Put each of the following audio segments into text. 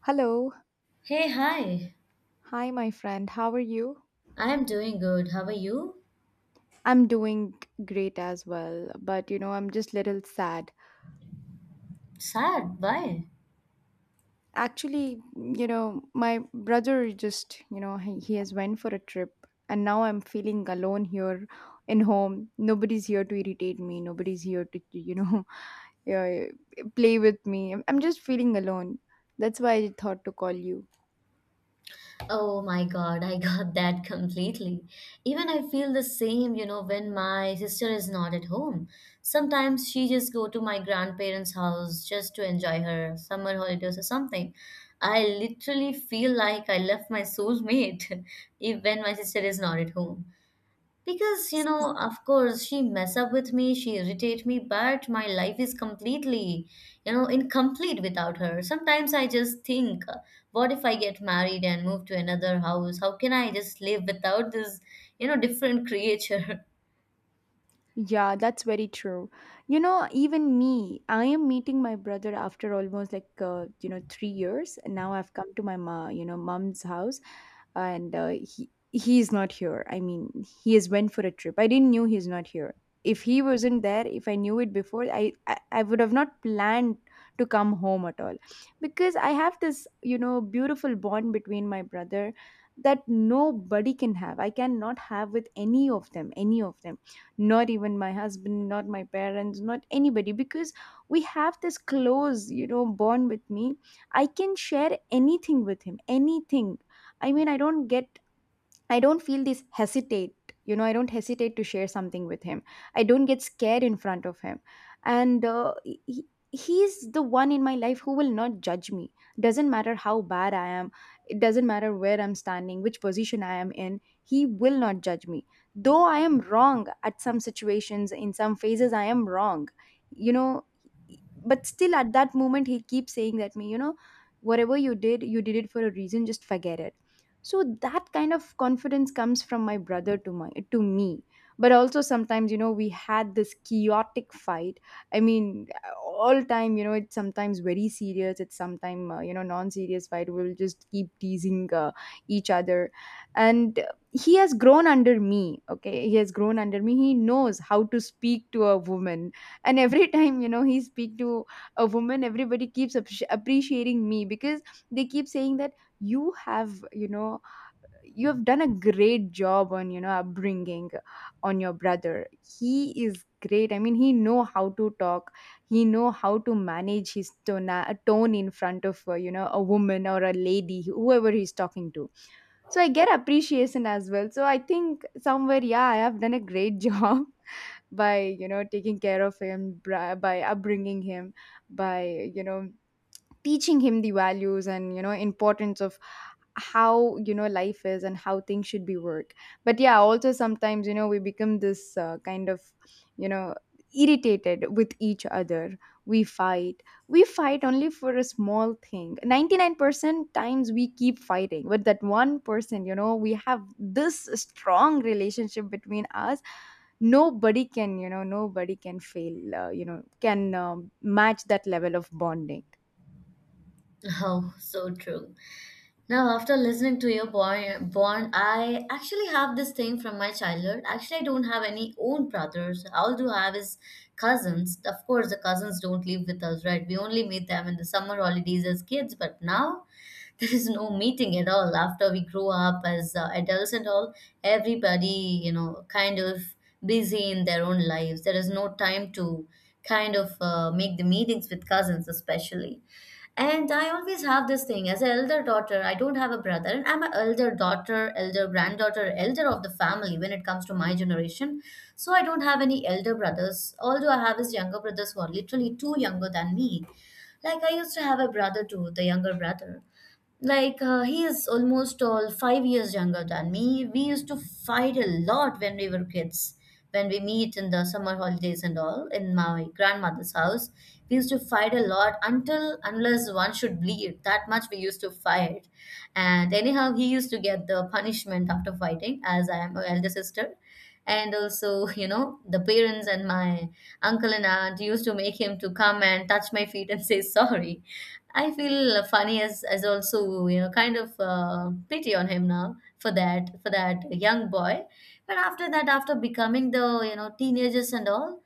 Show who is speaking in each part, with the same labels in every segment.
Speaker 1: Hello.
Speaker 2: Hey, hi.
Speaker 1: Hi, my friend. How are you?
Speaker 2: I am doing good. How are you?
Speaker 1: I'm doing great as well, but you know, I'm just little sad.
Speaker 2: Sad. Why?
Speaker 1: Actually, you know, my brother just, you know, he has went for a trip, and now I'm feeling alone here in home. Nobody's here to irritate me. Nobody's here to, you know, yeah, play with me. I'm just feeling alone. That's why I thought to call you.
Speaker 2: Oh my God, I got that completely. Even I feel the same, when my sister is not at home. Sometimes she just go to my grandparents' house just to enjoy her summer holidays or something. I literally feel like I left my soulmate if when my sister is not at home. Because, you know, of course, she mess up with me, she irritate me, but my life is completely, you know, incomplete without her. Sometimes I just think, what if I get married and move to another house? How can I just live without this, you know, different creature?
Speaker 1: Yeah, that's very true. You know, even me, I am meeting my brother after almost like you know 3 years. And now I've come to my you know, mom's house, and he's not here. I mean, he has went for a trip. I didn't knew he's not here. If he wasn't there, if I knew it before, I would have not planned to come home at all, because I have this you know beautiful bond between my brother that nobody can have. I cannot have with any of them, any of them, not even my husband, not my parents, not anybody, because we have this close you know bond with me. I can share anything with him, anything. I mean, I don't get, I don't feel this hesitate. You know, I don't hesitate to share something with him. I don't get scared in front of him. And he's the one in my life who will not judge me. Doesn't matter how bad I am, it doesn't matter where I'm standing, which position I am in, he will not judge me. Though I am wrong at some situations, in some phases, I am wrong. You know, but still at that moment, he keeps saying that me, you know, whatever you did it for a reason, just forget it. So that kind of confidence comes from my brother to my to me. But also sometimes you know we had this chaotic fight. I mean, all time, you know, it's sometimes very serious, it's sometimes you know non serious fight. We'll just keep teasing each other. And he has grown under me, okay, he has grown under me, he knows how to speak to a woman. And every time, you know, he speak to a woman, everybody keeps appreciating me, because they keep saying that you have you know you have done a great job on you know upbringing on your brother. He is great. I mean, he know how to talk, he know how to manage his tone in front of you know a woman or a lady, whoever he's talking to. So I get appreciation as well, so I think somewhere, yeah, I have done a great job by you know taking care of him, by upbringing him, by you know teaching him the values and you know importance of how you know life is and how things should be work. But yeah, also sometimes you know we become this kind of you know irritated with each other. We fight, we fight only for a small thing. 99% times we keep fighting, but that 1% you know we have this strong relationship between us. Nobody can you know nobody can fail you know can match that level of bonding.
Speaker 2: Oh, so true. Now, after listening to your born, I actually have this thing from my childhood. Actually, I don't have any own brothers. All do have is cousins. Of course, the cousins don't live with us, right? We only meet them in the summer holidays as kids. But now, there is no meeting at all after we grow up as adults and all, everybody, you know, kind of busy in their own lives. There is no time to kind of make the meetings with cousins especially. And I always have this thing as an elder daughter. I don't have a brother, and I'm an elder daughter, elder granddaughter, elder of the family when it comes to my generation. So I don't have any elder brothers, although I have his younger brothers who are literally two younger than me. Like I used to have a brother too, the younger brother. Like, he is almost all 5 years younger than me. We used to fight a lot when we were kids. When we meet in the summer holidays and all in my grandmother's house, we used to fight a lot until unless one should bleed. That much we used to fight. And anyhow, he used to get the punishment after fighting, as I am a elder sister. And also, you know, the parents and my uncle and aunt used to make him to come and touch my feet and say sorry. I feel funny as also, you know, kind of pity on him now for that young boy. But after that, after becoming the, you know, teenagers and all,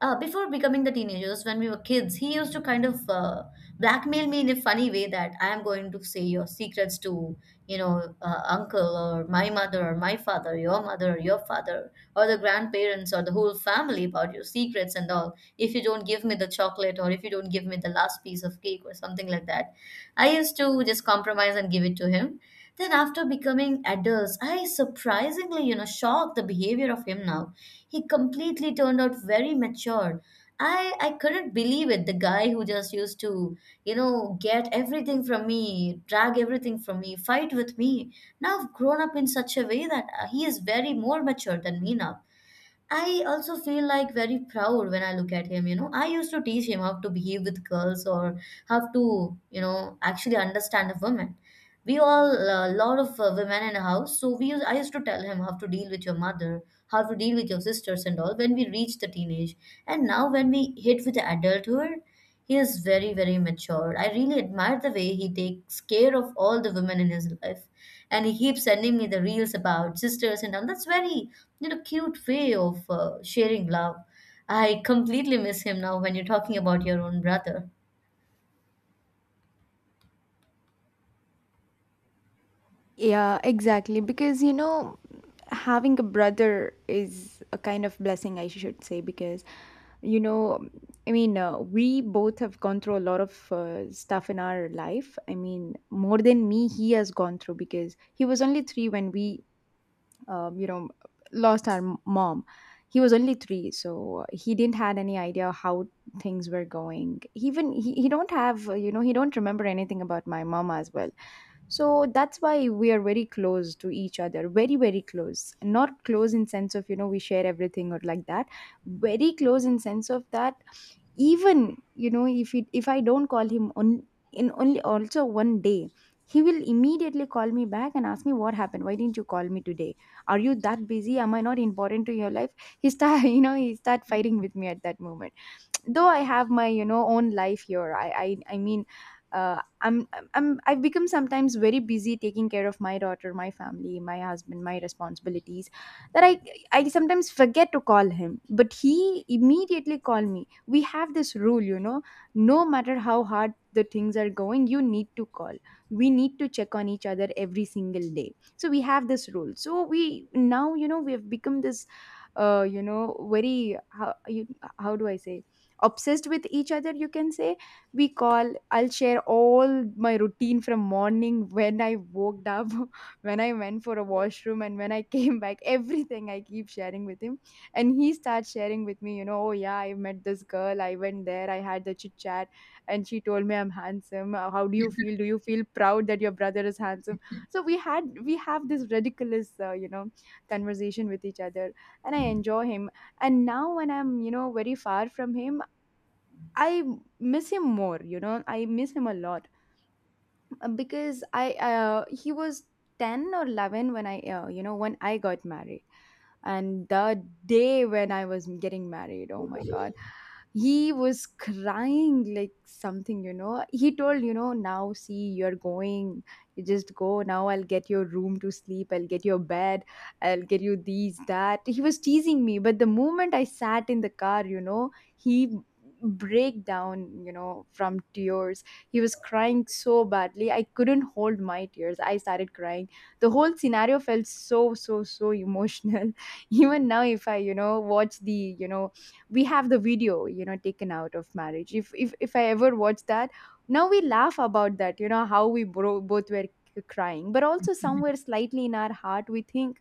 Speaker 2: before becoming the teenagers, when we were kids, he used to kind of blackmail me in a funny way that I am going to say your secrets to, you know, uncle or my mother or my father, your mother or your father or the grandparents or the whole family about your secrets and all, if you don't give me the chocolate or if you don't give me the last piece of cake or something like that. I used to just compromise and give it to him. Then after becoming adults, I surprisingly, you know, shocked the behavior of him now. He completely turned out very mature. I couldn't believe it. The guy who just used to, you know, get everything from me, drag everything from me, fight with me. Now I've grown up in such a way that he is very more mature than me now. I also feel like very proud when I look at him. You know, I used to teach him how to behave with girls or how to, you know, actually understand a woman. We all a lot of women in a house, so I used to tell him how to deal with your mother, how to deal with your sisters and all when we reach the teenage. And now when we hit with the adulthood, he is very very mature. I really admire the way he takes care of all the women in his life, and he keeps sending me the reels about sisters and all. That's very, you know, cute way of sharing love. I completely miss him now when you're talking about your own brother.
Speaker 1: Yeah, exactly. Because, you know, having a brother is a kind of blessing, I should say, because, you know, I mean, we both have gone through a lot of stuff in our life. I mean, more than me, he has gone through, because he was only three when we, you know, lost our mom. He was only three, so he didn't had any idea how things were going. Even he don't have, you know, he don't remember anything about my mom as well. So that's why we are very close to each other, very very close, not close in sense of you know we share everything or like that, very close in sense of that even you know if I don't call him on in only also one day, he will immediately call me back and ask me what happened, why didn't you call me today, are you that busy, am I not important to your life. He start you know he start fighting with me at that moment, though I have my you know own life here. I mean uh, I'm, I'm I've become sometimes very busy taking care of my daughter, my family, my husband, my responsibilities, that I sometimes forget to call him. But he immediately called me. We have this rule, you know, no matter how hard the things are going, you need to call, we need to check on each other every single day. So we have this rule, so we now, you know, we have become this you know very, how you, how do I say, obsessed with each other, you can say. We call, I'll share all my routine from morning, when I woke up, when I went for a washroom and when I came back, everything I keep sharing with him. And he starts sharing with me, you know, oh yeah, I met this girl, I went there, I had the chit chat, and she told me I'm handsome. How do you feel, do you feel proud that your brother is handsome. So we have this ridiculous you know conversation with each other, and I enjoy him. And now when I'm you know very far from him, I miss him more, you know. I miss him a lot. Because I he was 10 or 11 when I you know when I got married. And the day when I was getting married, oh my god, he was crying like something, you know, he told, you know, now see you're going, you just go now, I'll get your room to sleep, I'll get your bed, I'll get you these that, he was teasing me. But the moment I sat in the car, you know, he break down, you know, from tears, he was crying so badly. I couldn't hold my tears. I started crying. The whole scenario felt so, so, so emotional. Even now, if I, you know, watch the, you know, we have the video, you know, taken out of marriage. If I ever watch that, now we laugh about that, you know, how we both were crying. But also somewhere slightly in our heart, we think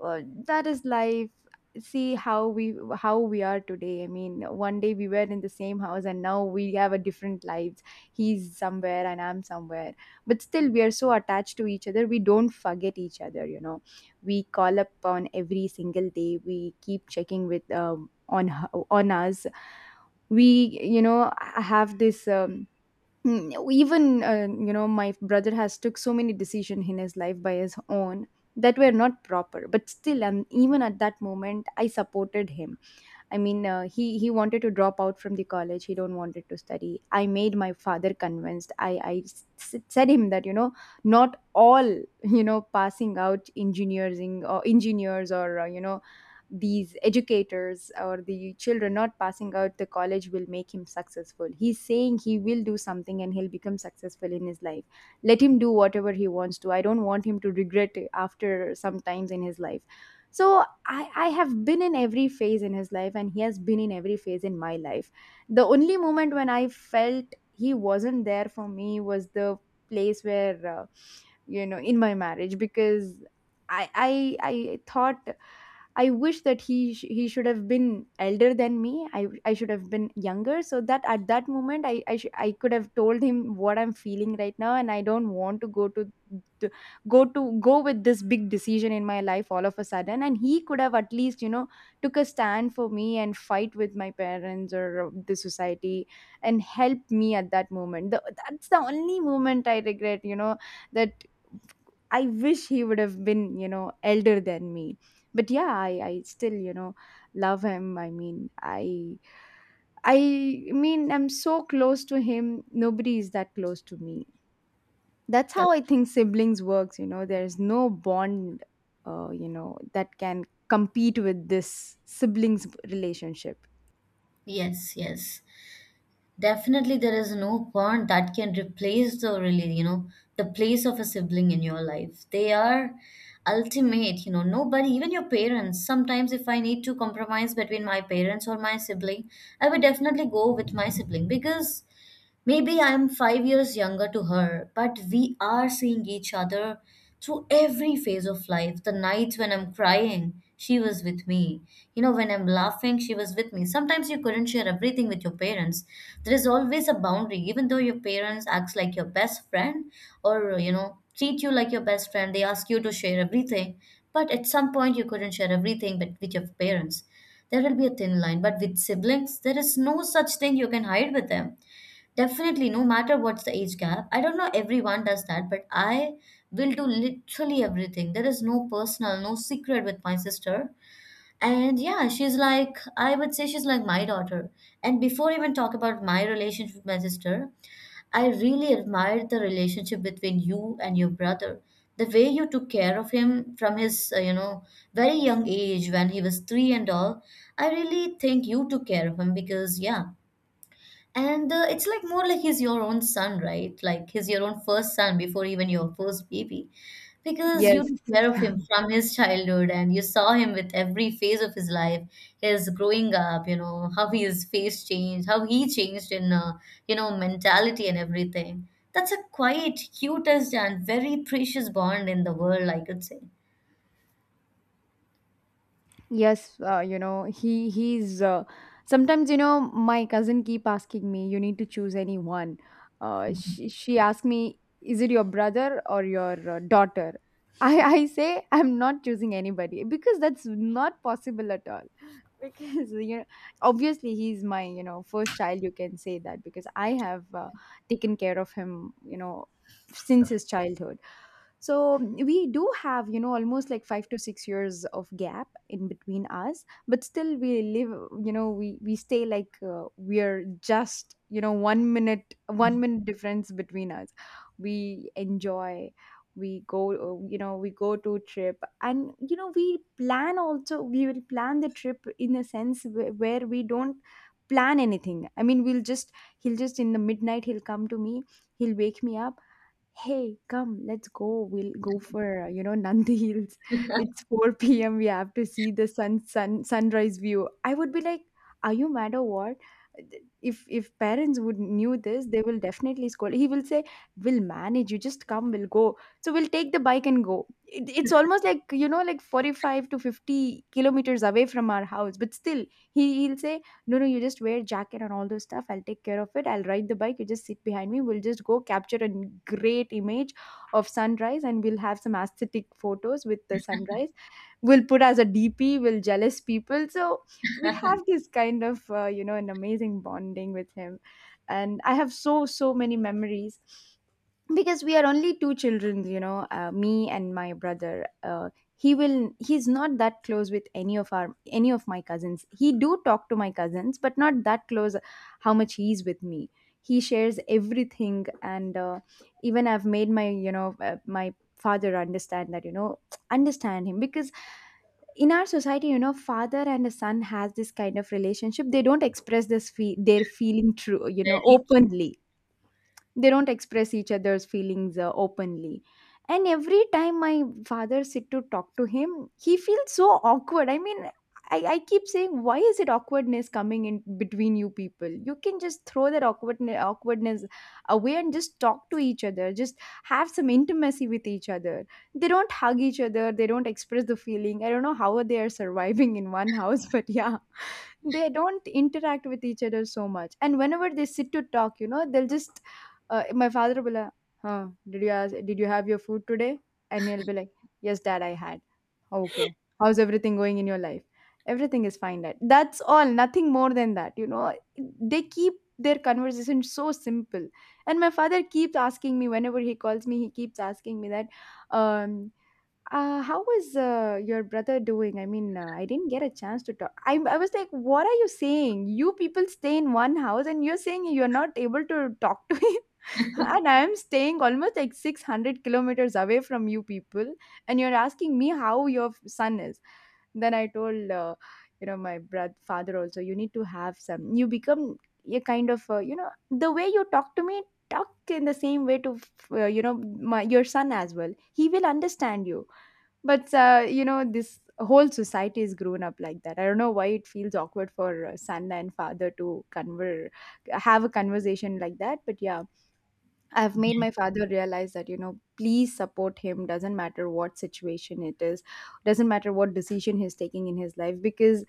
Speaker 1: uh, that is life. See how we, how we are today. I mean, one day we were in the same house, and now we have a different lives. He's somewhere and I'm somewhere, but still we are so attached to each other, we don't forget each other, you know, we call up on every single day, we keep checking with on on us, we you know have this even you know my brother has took so many decisions in his life by his own that were not proper, but still, and even at that moment I supported him. I mean, he wanted to drop out from the college. He don't wanted to study. I made my father convinced. Said him that you know not all you know passing out engineering or engineers or you know these educators or the children not passing out the college will make him successful. He's saying he will do something and he'll become successful in his life. Let him do whatever he wants to. I don't want him to regret it after sometimes in his life. So I have been in every phase in his life, and he has been in every phase in my life. The only moment when I felt he wasn't there for me was the place where you know in my marriage, because I thought, I wish that he he should have been elder than me. I should have been younger, so that at that moment I could have told him what I'm feeling right now, and I don't want to to go to go with this big decision in my life all of a sudden, and he could have at least you know took a stand for me and fight with my parents or the society and help me at that moment. That's the only moment I regret, you know, that I wish he would have been, you know, elder than me. But yeah, I still, you know, love him. I mean, I'm so close to him. Nobody is that close to me. That's
Speaker 2: That-
Speaker 1: how I think siblings works, you know. There's no bond you know, that can compete with this siblings relationship.
Speaker 2: yes, yes. Definitely, there is no bond that can replace the really, you know, the place of a sibling in your life. They are ultimate, you know, nobody, even your parents. Sometimes, if I need to compromise between my parents or my sibling, I would definitely go with my sibling because maybe I'm 5 years younger to her, but we are seeing each other through every phase of life. The nights when I'm crying, she was with me. You know, when I'm laughing, she was with me. Sometimes you couldn't share everything with your parents. There is always a boundary, even though your parents acts like your best friend or, you know, treat you like your best friend. They ask you to share everything, but at some point you couldn't share everything but with your parents. There will be a thin line, but with siblings, there is no such thing you can hide with them. Definitely, no matter what's the age gap. I don't know everyone does that, but I will do literally everything. There is no personal, no secret with my sister. And yeah, she's like, I would say she's like my daughter. And before I even talk about my relationship with my sister, I really admired the relationship between you and your brother. The way you took care of him from his, you know, very young age when he was 3 and all, I really think you took care of him because, yeah. And it's like more like he's your own son, right? Like he's your own first son before even your first baby. Because you
Speaker 1: Yes.
Speaker 2: took care of him from his childhood and you saw him with every phase of his life, his growing up, you know, how his face changed, how he changed in, you know, mentality and everything. That's a quite cutest and very precious bond in the world, I could say.
Speaker 1: Yes, he's sometimes, you know, my cousin keep asking me, you need to choose anyone. She asked me, is it your brother or your daughter? I say I'm not choosing anybody because that's not possible at all because you know obviously he's my, you know, first child, you can say that, because I have taken care of him, you know, since his childhood. So we do have, you know, almost like 5 to 6 years of gap in between us, but still we live, you know, we stay like we're just, you know, 1 minute 1 minute difference between us. We enjoy, we go we go to trip and, you know, we plan also. We will plan the trip in a sense where, we don't plan anything. I mean, we'll just, he'll just in the midnight he'll come to me, he'll wake me up, hey come let's go, we'll go for Nandi Hills. It's 4 p.m., we have to see the sunrise view. I would be like, are you mad or what? If parents would knew this, they will definitely scold. He will say, we'll manage, you just come, we'll go. So we'll take the bike and go. It's almost like, you know, like 45 to 50 kilometers away from our house, but still he he'll say, no no, you just wear jacket and all those stuff, I'll take care of it, I'll ride the bike, you just sit behind me, we'll just go capture a great image of sunrise and we'll have some aesthetic photos with the sunrise, we'll put as a DP, we'll jealous people. So we have this kind of an amazing bonding with him, and I have so many memories because we are only two children, you know. Me and my brother, he will, he's not that close with any of our any of my cousins. He do talk to my cousins, but not that close how much he's with me. He shares everything. And even I've made my, you know, my father understand that, you know, understand him, because in our society, you know, father and a son has this kind of relationship, they don't express their feeling true, you know,
Speaker 2: Very,
Speaker 1: openly. They don't express each other's feelings openly. And every time my father sit to talk to him, he feels so awkward. I mean, I keep saying, why is it awkwardness coming in between you people? You can just throw that awkwardness away and just talk to each other, just have some intimacy with each other. They don't hug each other, they don't express the feeling, I don't know how they are surviving in one house. But yeah, they don't interact with each other so much, and whenever they sit to talk, you know, they'll just, my father will be like, huh, did you have your food today? And he'll be like, yes dad, I had. Okay. How's everything going in your life? Everything is fine dad. That's all, nothing more than that, you know. They keep their conversation so simple. And my father keeps asking me, whenever he calls me, he keeps asking me that, um how was your brother doing? I mean, I didn't get a chance to talk. I was like, what are you saying? You people stay in one house and you're saying you're not able to talk to him. And I'm staying almost like 600 kilometers away from you people. And you're asking me how your son is. Then I told, my brother, father also, you need to have some. You become a kind of, the way you talk to me, talk in the same way to, my, your son as well. He will understand you. But you know, this whole society is grown up like that. I don't know why it feels awkward for son and father to conver have a conversation like that. But yeah, I've made my father realize that, you know, please support him, doesn't matter what situation it is, doesn't matter what decision he's taking in his life, because,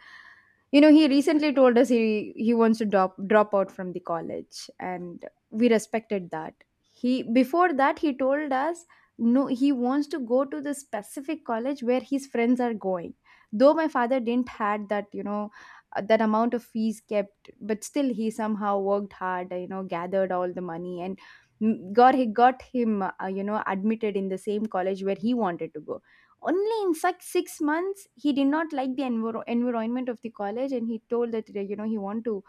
Speaker 1: you know, he recently told us he wants to drop out from the college, and we respected that. He Before that, he told us, no, he wants to go to the specific college where his friends are going. Though my father didn't had that, you know, that amount of fees kept, but still he somehow worked hard, you know, gathered all the money and got him you know, admitted in the same college where he wanted to go. Only in such 6 months, he did not like the environment of the college, and he told that you know, he want to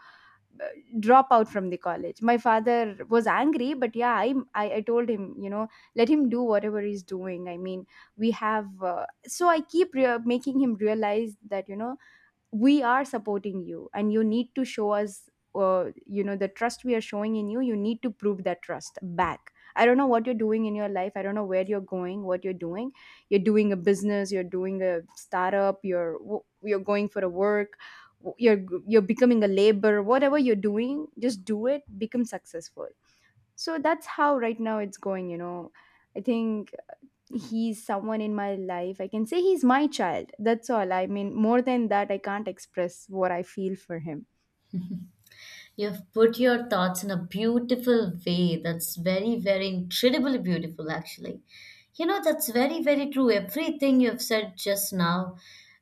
Speaker 1: uh, drop out from the college. My father was angry, but yeah, I told him, you know, let him do whatever he's doing. I mean, we have so I keep making him realize that, you know, we are supporting you and you need to show us you know, the trust we are showing in you, you need to prove that trust back. I don't know what you're doing in your life, I don't know where you're going, what you're doing. You're doing a business, you're doing a startup, you're going for a work, w- you're you're becoming a labor, whatever you're doing, just do it, become successful. So that's how right now it's going, you know. I think he's someone in my life. I can say he's my child. That's all. I mean, more than that, I can't express what I feel for him.
Speaker 2: you've put your thoughts in a beautiful way. That's very, very incredibly beautiful, actually. You know, that's very, very true. Everything you've said just now,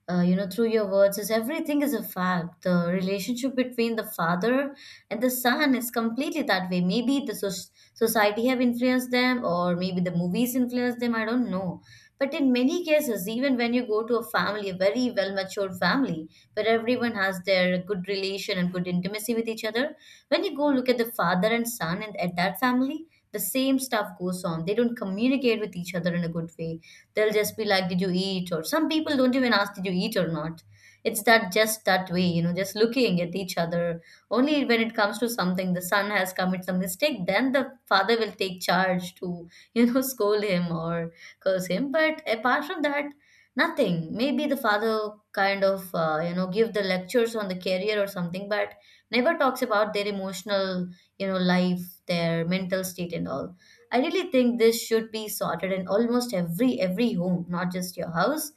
Speaker 2: you know, through your words, is everything is a fact. The relationship between the father and the son is completely that way. Maybe the society have influenced them, or maybe the movies influenced them. I don't know. But in many cases, even when you go to a family, a very well matured family, where everyone has their good relation and good intimacy with each other. When you go look at the father and son and at that family, the same stuff goes on. They don't communicate with each other in a good way. They'll just be like, did you eat? Or some people don't even ask, did you eat or not? It's that just that way, you know, just looking at each other. Only when it comes to something, the son has committed some mistake, then the father will take charge to, you know, scold him or curse him. But apart from that, nothing. Maybe the father kind of, you know, give the lectures on the career or something, but never talks about their emotional, you know, life, their mental state and all. I really think this should be sorted in almost every home, not just your house.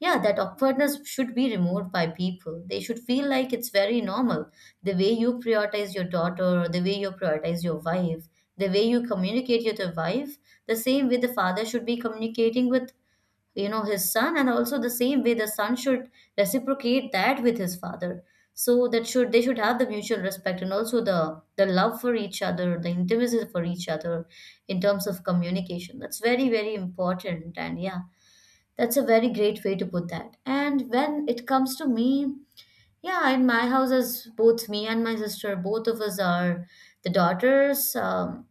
Speaker 2: Yeah, that awkwardness should be removed by people. They should feel like it's very normal. The way you prioritize your daughter, or the way you prioritize your wife, the way you communicate with your wife, the same way the father should be communicating with, you know, his son, and also the same way the son should reciprocate that with his father. So that should, they should have the mutual respect and also the love for each other, the intimacy for each other, in terms of communication. That's very very important. And yeah, that's a very great way to put that. And when it comes to me, yeah, in my house, as both me and my sister, both of us are the daughters,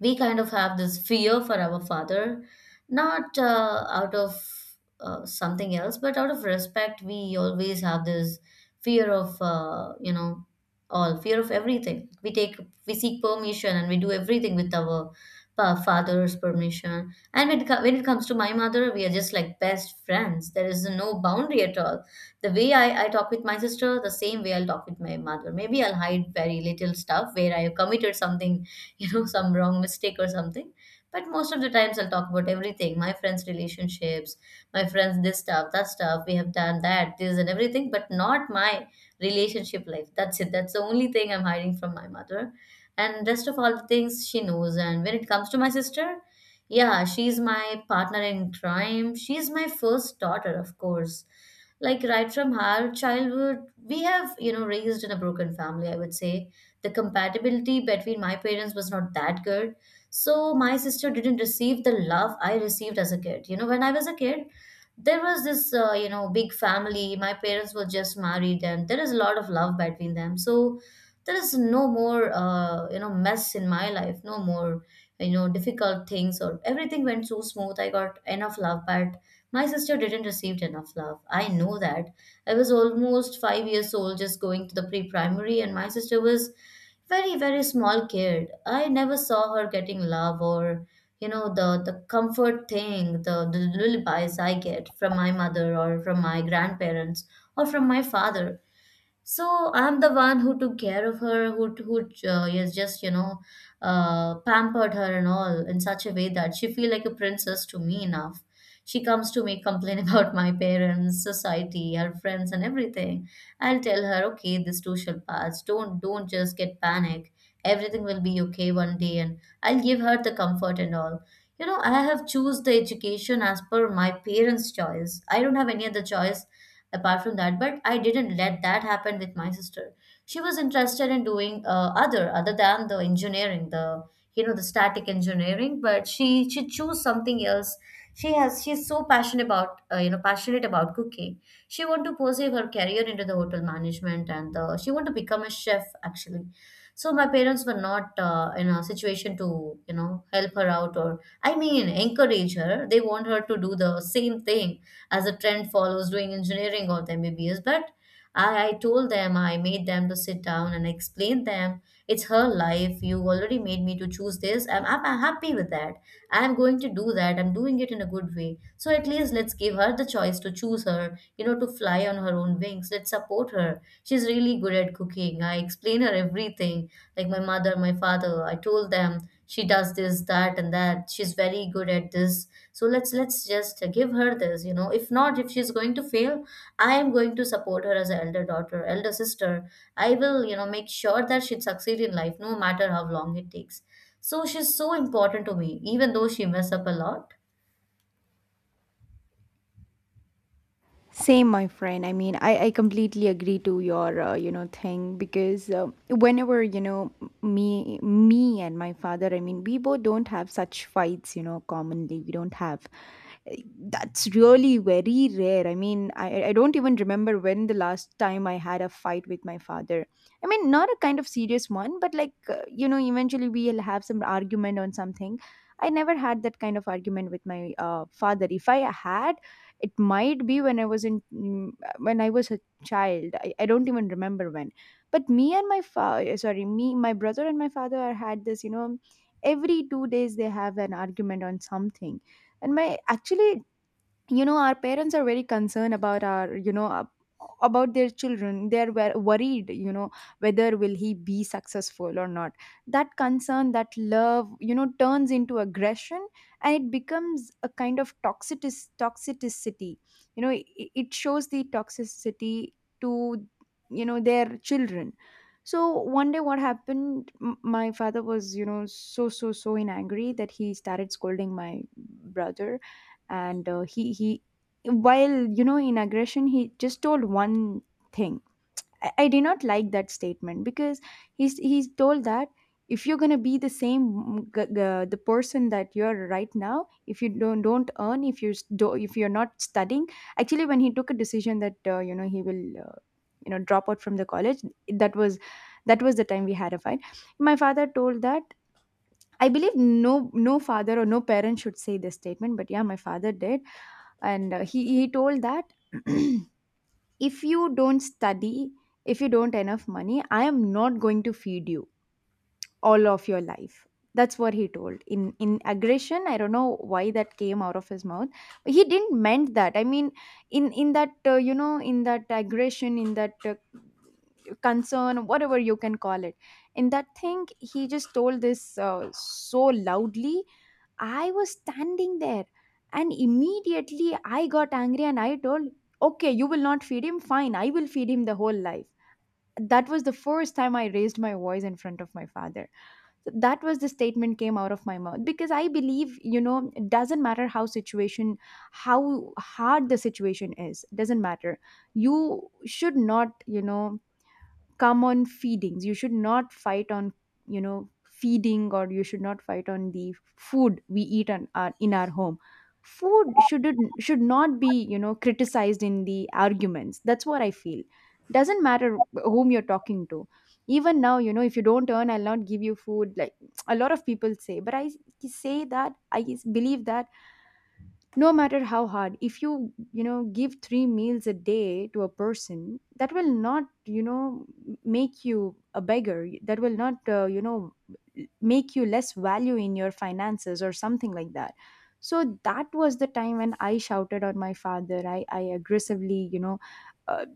Speaker 2: we kind of have this fear for our father, not out of something else, but out of respect. We always have this fear of, you know, all fear of everything. We seek permission and we do everything with our father's permission. And when it comes to my mother, we are just like best friends. There is no boundary at all. The way I talk with my sister, the same way I'll talk with my mother. Maybe I'll hide very little stuff where I have committed something some wrong mistake or something, but most of the times I'll talk about everything. My friends, relationships, my friends, this stuff, that stuff, we have done that, this and everything, but not my relationship life. That's it, that's the only thing I'm hiding from my mother, and rest of all the things she knows. And when it comes to my sister, yeah, she's my partner in crime, she's my first daughter, of course. Like, right from her childhood, we have, raised in a broken family, I would say. The compatibility between my parents was not that good, so my sister didn't receive the love I received as a kid. You know, when I was a kid, there was this big family, my parents were just married and there is a lot of love between them, so there is no more mess in my life, no more, difficult things, or everything went so smooth. I got enough love, but my sister didn't receive enough love, I know that. I was almost 5 years old, just going to the pre primary, and my sister was very very small kid. I never saw her getting love, or the comfort thing, the lullabies I get from my mother or from my grandparents or from my father. So I'm the one who took care of her, who is just pampered her and all, in such a way that she feel like a princess to me enough. She comes to me complain about my parents, society, her friends, and everything. I'll tell her, okay, this too shall pass. Don't just get panic. Everything will be okay one day, and I'll give her the comfort and all. You know, I have choose the education as per my parents' choice. I don't have any other choice apart from that, but I didn't let that happen with my sister. She was interested in doing other, other than the engineering, the the static engineering, but she chose something else. She's so passionate about passionate about cooking. She want to pursue her career into the hotel management, and she want to become a chef actually. So my parents were not in a situation to help her out, or I mean encourage her. They want her to do the same thing, as a trend follows, doing engineering or the MBBS. But I told them, I made them to sit down and explain them. It's her life. You already made me to choose this. I'm happy with that. I'm going to do that. I'm doing it in a good way. So at least let's give her the choice to choose her, you know, to fly on her own wings. Let's support her. She's really good at cooking. I explain her everything. Like my mother, my father, I told them she does this, that, and that. She's very good at this, so let's just give her this, you know. If not, if she's going to fail, I am going to support her as an elder daughter, elder sister. I will, you know, make sure that she'd succeed in life no matter how long it takes. So she's so important to me, even though she mess up a lot.
Speaker 1: Same, my friend. I mean, I completely agree to your thing, because whenever you know, me and my father, I mean, we both don't have such fights. You know, commonly we don't have. eh, That's really very rare. I mean, I don't even remember when the last time I had a fight with my father. I mean, not a kind of serious one, but like you know, eventually we'll have some argument on something. I never had that kind of argument with my father. If I had, it might be when I was a child. I don't even remember when. But me, my brother and my father had this, you know, every 2 days they have an argument on something. And my, actually, you know, our parents are very concerned about our you know ab- about their children. They are worried, you know, whether will he be successful or not. That concern, that love, you know, turns into aggression, and it becomes a kind of toxicity. You know, it shows the toxicity to, you know, their children. So one day what happened, my father was, you know, so in angry that he started scolding my brother. And he, while, you know, in aggression, he just told one thing. I did not like that statement, because he's told that, if you're gonna be the same the person that you're right now, if you don't earn, if you s- do if you're not studying. Actually, when he took a decision that he will drop out from the college, that was, that was the time we had a fight. My father told that, I believe no father or no parent should say this statement, but yeah, my father did. And he told that, if you don't study, if you don't enough money, I am not going to feed you all of your life. That's what he told in aggression. I don't know why that came out of his mouth, but he didn't meant that. I mean, in that in that aggression, in that concern, whatever you can call it, in that thing, he just told this so loudly. I was standing there, and immediately I got angry and I told, okay, you will not feed him, fine, I will feed him the whole life. That was the first time I raised my voice in front of my father. So that was the statement came out of my mouth, because I believe, you know, it doesn't matter how situation, how hard the situation is, doesn't matter. You should not, come on feedings you should not fight on feeding, or you should not fight on the food we eat on in our home. Food should not be criticized in the arguments. That's what I feel. Doesn't matter whom you're talking to. Even now, if you don't earn I'll not give you food, like a lot of people say. But I believe that no matter how hard, if you you know give three meals a day to a person, that will not, make you a beggar. That will not make you less value in your finances or something like that. So that was the time when I shouted on my father. I aggressively, uh,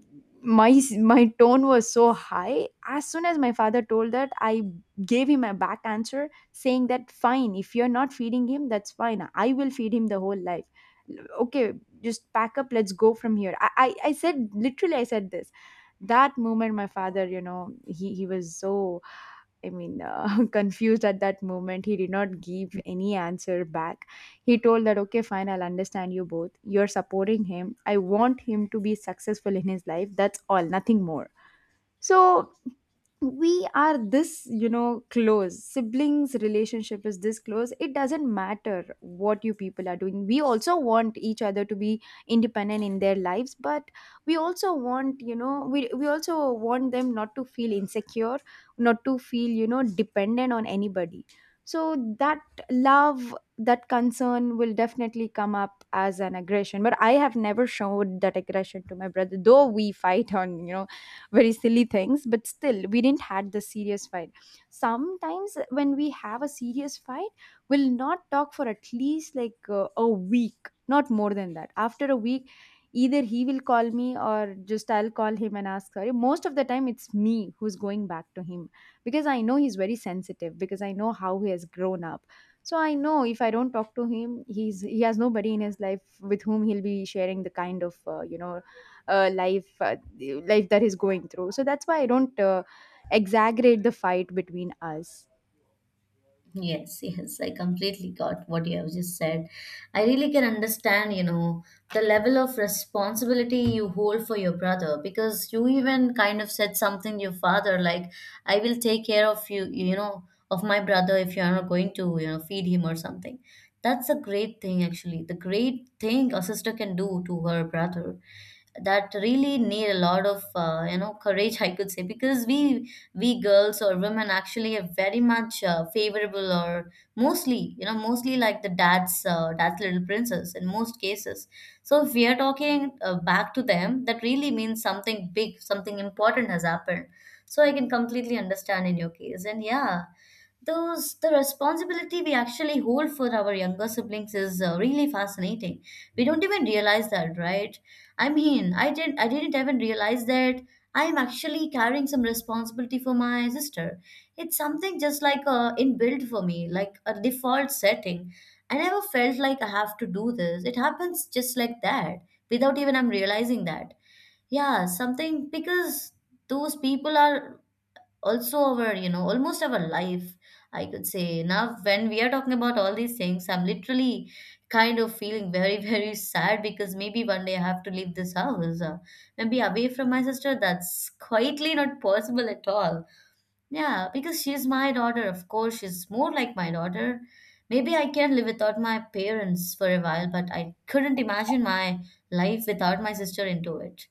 Speaker 1: my tone was so high. As soon as my father told that, I gave him a back answer saying that, fine, if you're not feeding him, that's fine, I will feed him the whole life. Okay, just pack up, let's go from here. I said literally, I said this. That moment my father, he was so, confused at that moment. He did not give any answer back. He told that, okay, fine, I'll understand, you both, you're supporting him. I want him to be successful in his life. That's all, nothing more. So we are this, you know, close. Siblings relationship is this close. It doesn't matter what you people are doing. We also want each other to be independent in their lives, but we also want, we also want them not to feel insecure, not to feel, you know, dependent on anybody. So that love, that concern will definitely come up as an aggression, but I have never showed that aggression to my brother, though we fight on, you know, very silly things. But still we didn't had the serious fight. Sometimes when we have a serious fight, we'll not talk for at least like a week, not more than that. After a week either he will call me or just I'll call him and ask sorry. Most of the time it's me who's going back to him, because I know he's very sensitive, because I know how he has grown up. So I know if I don't talk to him, he has nobody in his life with whom he'll be sharing the kind of life, the life that he's going through. So that's why I don't exaggerate the fight between us.
Speaker 2: Yes, yes, I completely got what you have just said. I really can understand, you know, the level of responsibility you hold for your brother, because you even kind of said something to your father like, I will take care of you, you know, of my brother, if you are not going to, you know, feed him or something. That's a great thing, actually. The great thing a sister can do to her brother, that really need a lot of courage, I could say. Because we girls or women actually are very much favorable, or mostly, you know, mostly like the dad's, dad's little princess in most cases. So if we are talking back to them, that really means something big, something important has happened. So I can completely understand in your case, and yeah, those, the responsibility we actually hold for our younger siblings is really fascinating. We don't even realize that, right? I mean, I didn't even realize that I'm actually carrying some responsibility for my sister. It's something just like inbuilt for me, like a default setting. I never felt like I have to do this. It happens just like that, without even I'm realizing that. Yeah, something, because those people are also our, you know, almost our life, I could say. Now when we are talking about all these things, I'm literally kind of feeling very very sad, because maybe one day I have to leave this house, and be away from my sister. That's quietly not possible at all. Yeah, because she's my daughter. Of course, she's more like my daughter. Maybe I can live without my parents for a while, but I couldn't imagine my life without my sister into it.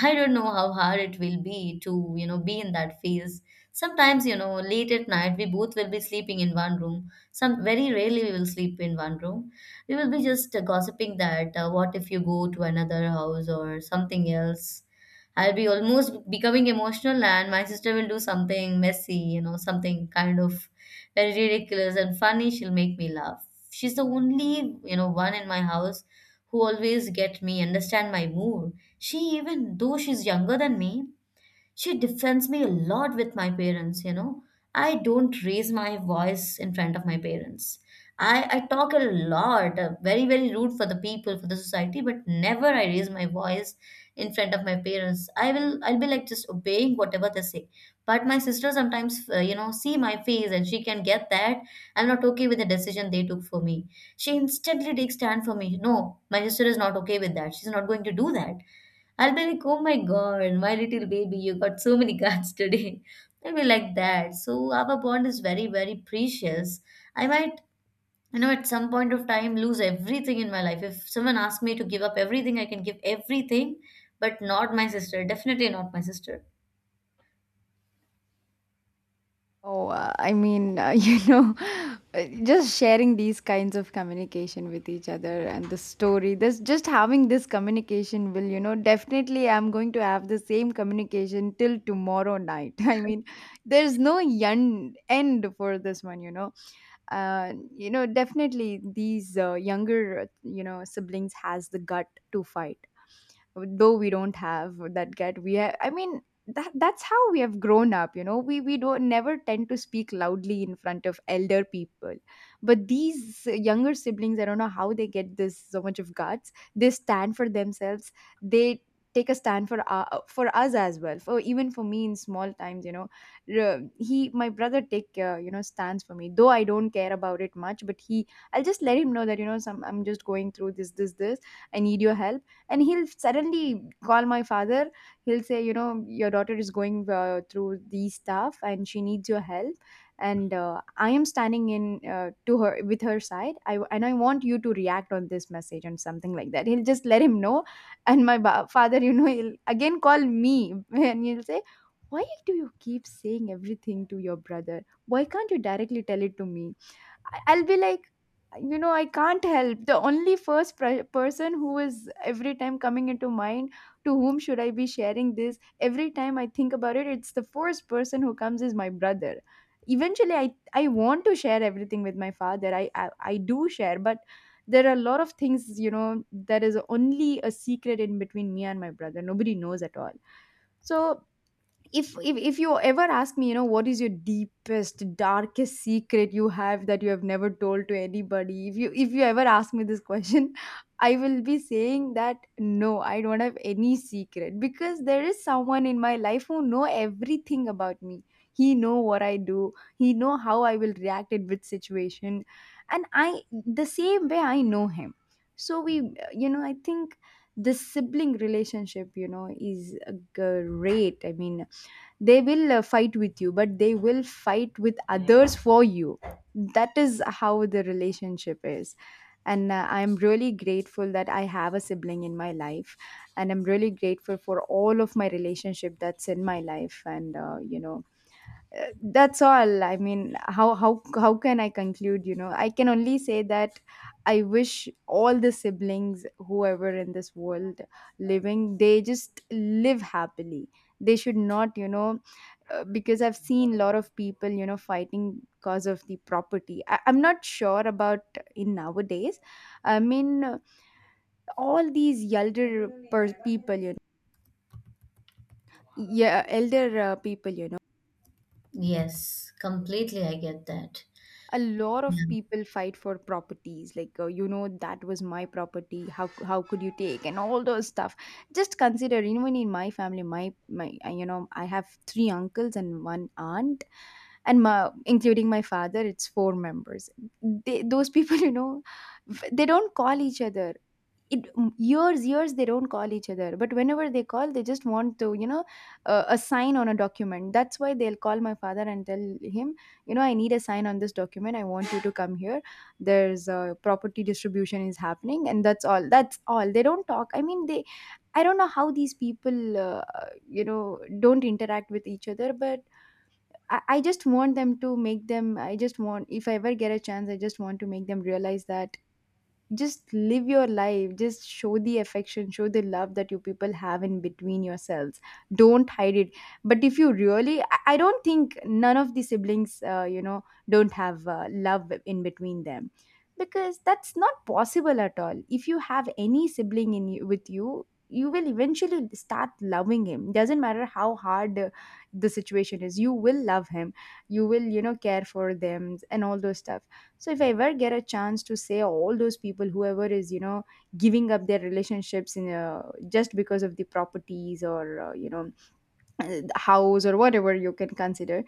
Speaker 2: I don't know how hard it will be to, you know, be in that phase. Sometimes, you know, late at night, we both will be sleeping in one room. Some very rarely we will sleep in one room. We will be just gossiping that, what if you go to another house or something else. I'll be almost becoming emotional, and my sister will do something messy, you know, something kind of very ridiculous and funny. She'll make me laugh. She's the only, you know, one in my house who always get me, understand my mood. She, even though she's younger than me, she defends me a lot with my parents, you know. I don't raise my voice in front of my parents. I talk a lot, very, very rude for the people, for the society, but never I raise my voice in front of my parents. I will, I'll be like just obeying whatever they say. But my sister sometimes, you know, see my face and she can get that I'm not okay with the decision they took for me. She instantly takes stand for me. No, my sister is not okay with that. She's not going to do that. I'll be like, oh my God, my little baby, you got so many cards today. I'll be like that. So our bond is very, very precious. I might, you know, at some point of time lose everything in my life. If someone asks me to give up everything, I can give everything, but not my sister. Definitely not my sister.
Speaker 1: Oh, I mean, you know, just sharing these kinds of communication with each other and the story, this, just having this communication will, you know, definitely I'm going to have the same communication till tomorrow night. I mean, there's no end for this one, you know. You know, definitely these younger, you know, siblings has the gut to fight. Though we don't have that get, we have, I mean, that's how we have grown up. You know, we don't never tend to speak loudly in front of elder people, but these younger siblings, I don't know how they get this so much of guts. They stand for themselves. They take a stand for us as well, for even for me in small times. You know, he, my brother, take, stands for me, though I don't care about it much. But he, I'll just let him know that, you know, some I'm just going through this, I need your help. And he'll suddenly call my father. He'll say, you know, your daughter is going through these stuff and she needs your help. And I am standing in, to her, with her side. And I want you to react on this message and something like that. He'll just let him know. And my father, you know, he'll again call me and he'll say, why do you keep saying everything to your brother? Why can't you directly tell it to me? I'll be like, you know, I can't help. The only first person who is every time coming into mind, to whom should I be sharing this? Every time I think about it, it's the first person who comes is my brother. Eventually, I want to share everything with my father. I do share, but there are a lot of things, you know, that is only a secret in between me and my brother. Nobody knows at all. So if you ever ask me, you know, what is your deepest darkest secret you have, that you have never told to anybody, if you ever ask me this question, I will be saying that no, I don't have any secret, because there is someone in my life who know everything about me. He know what I do, he know how I will react in which situation. And I the same way I know him. So we, you know, I think the sibling relationship, you know, is great. I mean, they will fight with you, but they will fight with others for you. That is how the relationship is. And I'm really grateful that I have a sibling in my life, and I'm really grateful for all of my relationship that's in my life. And that's all. I mean, how can I conclude, you know? I can only say that I wish all the siblings whoever in this world living, they just live happily. They should not, you know, because I've seen a lot of people, you know, fighting because of the property. I'm not sure about in nowadays. I mean, all these elder people, you know, yeah, elder people, you know,
Speaker 2: Yes, completely. I get that.
Speaker 1: a lot of
Speaker 2: Yeah.
Speaker 1: people fight for properties. Like, you know, that was my property. How how could you take, and all those stuff. Just consider, even in my family, you know, I have three uncles and one aunt, and my, including my father, it's four members. They, those people you know, they don't call each other. It, years they don't call each other. But whenever they call, they just want to, you know, a sign on a document. That's why they'll call my father and tell him, you know, I need a sign on this document, I want you to come here, there's a property distribution is happening. And that's all, they don't talk. I mean, they, I don't know how these people you know, don't interact with each other. But I just want them to make them, I just want, if I ever get a chance, I just want to make them realize that, just live your life, just show the affection, show the love that you people have in between yourselves. Don't hide it. But if you really, I don't think none of the siblings you know, don't have love in between them. Because that's not possible at all. If you have any sibling with you, you will eventually start loving him. Doesn't matter how hard the situation is, you will love him. You will, you know, care for them and all those stuff. So if I ever get a chance to say all those people, whoever is, you know, giving up their relationships in a, just because of the properties or the house or whatever you can consider,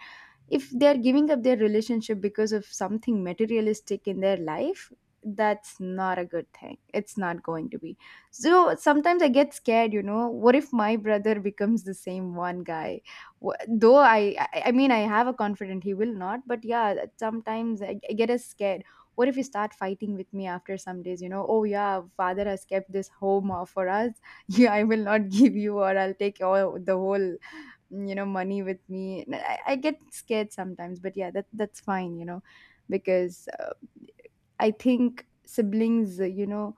Speaker 1: if they are giving up their relationship because of something materialistic in their life, that's not a good thing. It's not going to be. So sometimes I get scared, you know, what if my brother becomes the same one guy? Though I mean, I have a confidence he will not. But yeah, sometimes I get as scared, what if you start fighting with me after some days? You know, oh yeah, father has kept this home for us, yeah, I will not give you, or I'll take all the whole, you know, money with me. And I get scared sometimes. But yeah, that that's fine, you know, because I think siblings, you know,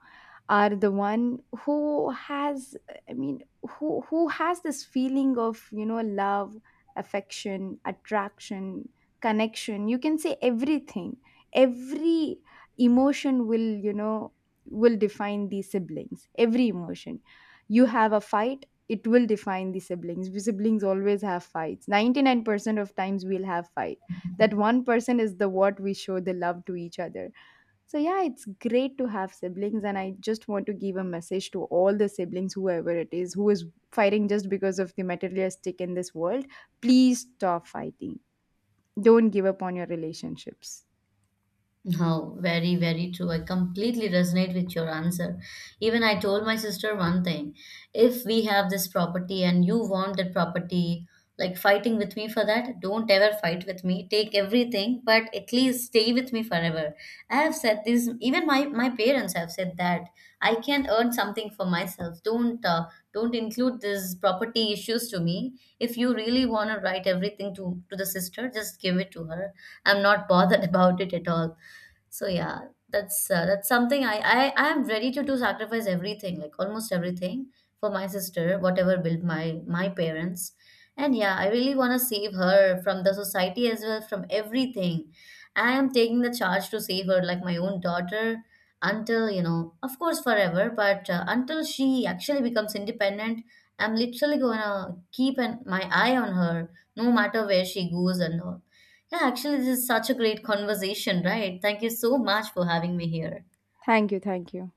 Speaker 1: are the one who has, I mean, who has this feeling of, you know, love, affection, attraction, connection. You can say everything. Every emotion will, you know, will define these siblings. Every emotion. You have a fight, it will define the siblings. We siblings always have fights. 99% of times we'll have fight. That one person is the what we show the love to each other. So yeah, it's great to have siblings, and I just want to give a message to all the siblings whoever it is who is fighting just because of the materialistic in this world, please stop fighting. Don't give up on your relationships.
Speaker 2: No, very, very true. I completely resonate with your answer. Even I told my sister one thing. If we have this property and you want that property, like fighting with me for that, don't ever fight with me. Take everything, but at least stay with me forever. I have said this, even my, my parents have said that. I can earn something for myself. Don't include these property issues to me. If you really want to write everything to the sister, just give it to her. I'm not bothered about it at all. So yeah, that's something I am ready to do, sacrifice everything, like almost everything for my sister, whatever built my, my parents. And yeah, I really want to save her from the society as well, from everything. I am taking the charge to save her like my own daughter until, you know, of course forever, but until she actually becomes independent, I'm literally going to keep an, my eye on her no matter where she goes and all. Yeah, actually, this is such a great conversation, right? Thank you so much for having me here.
Speaker 1: Thank you, thank you.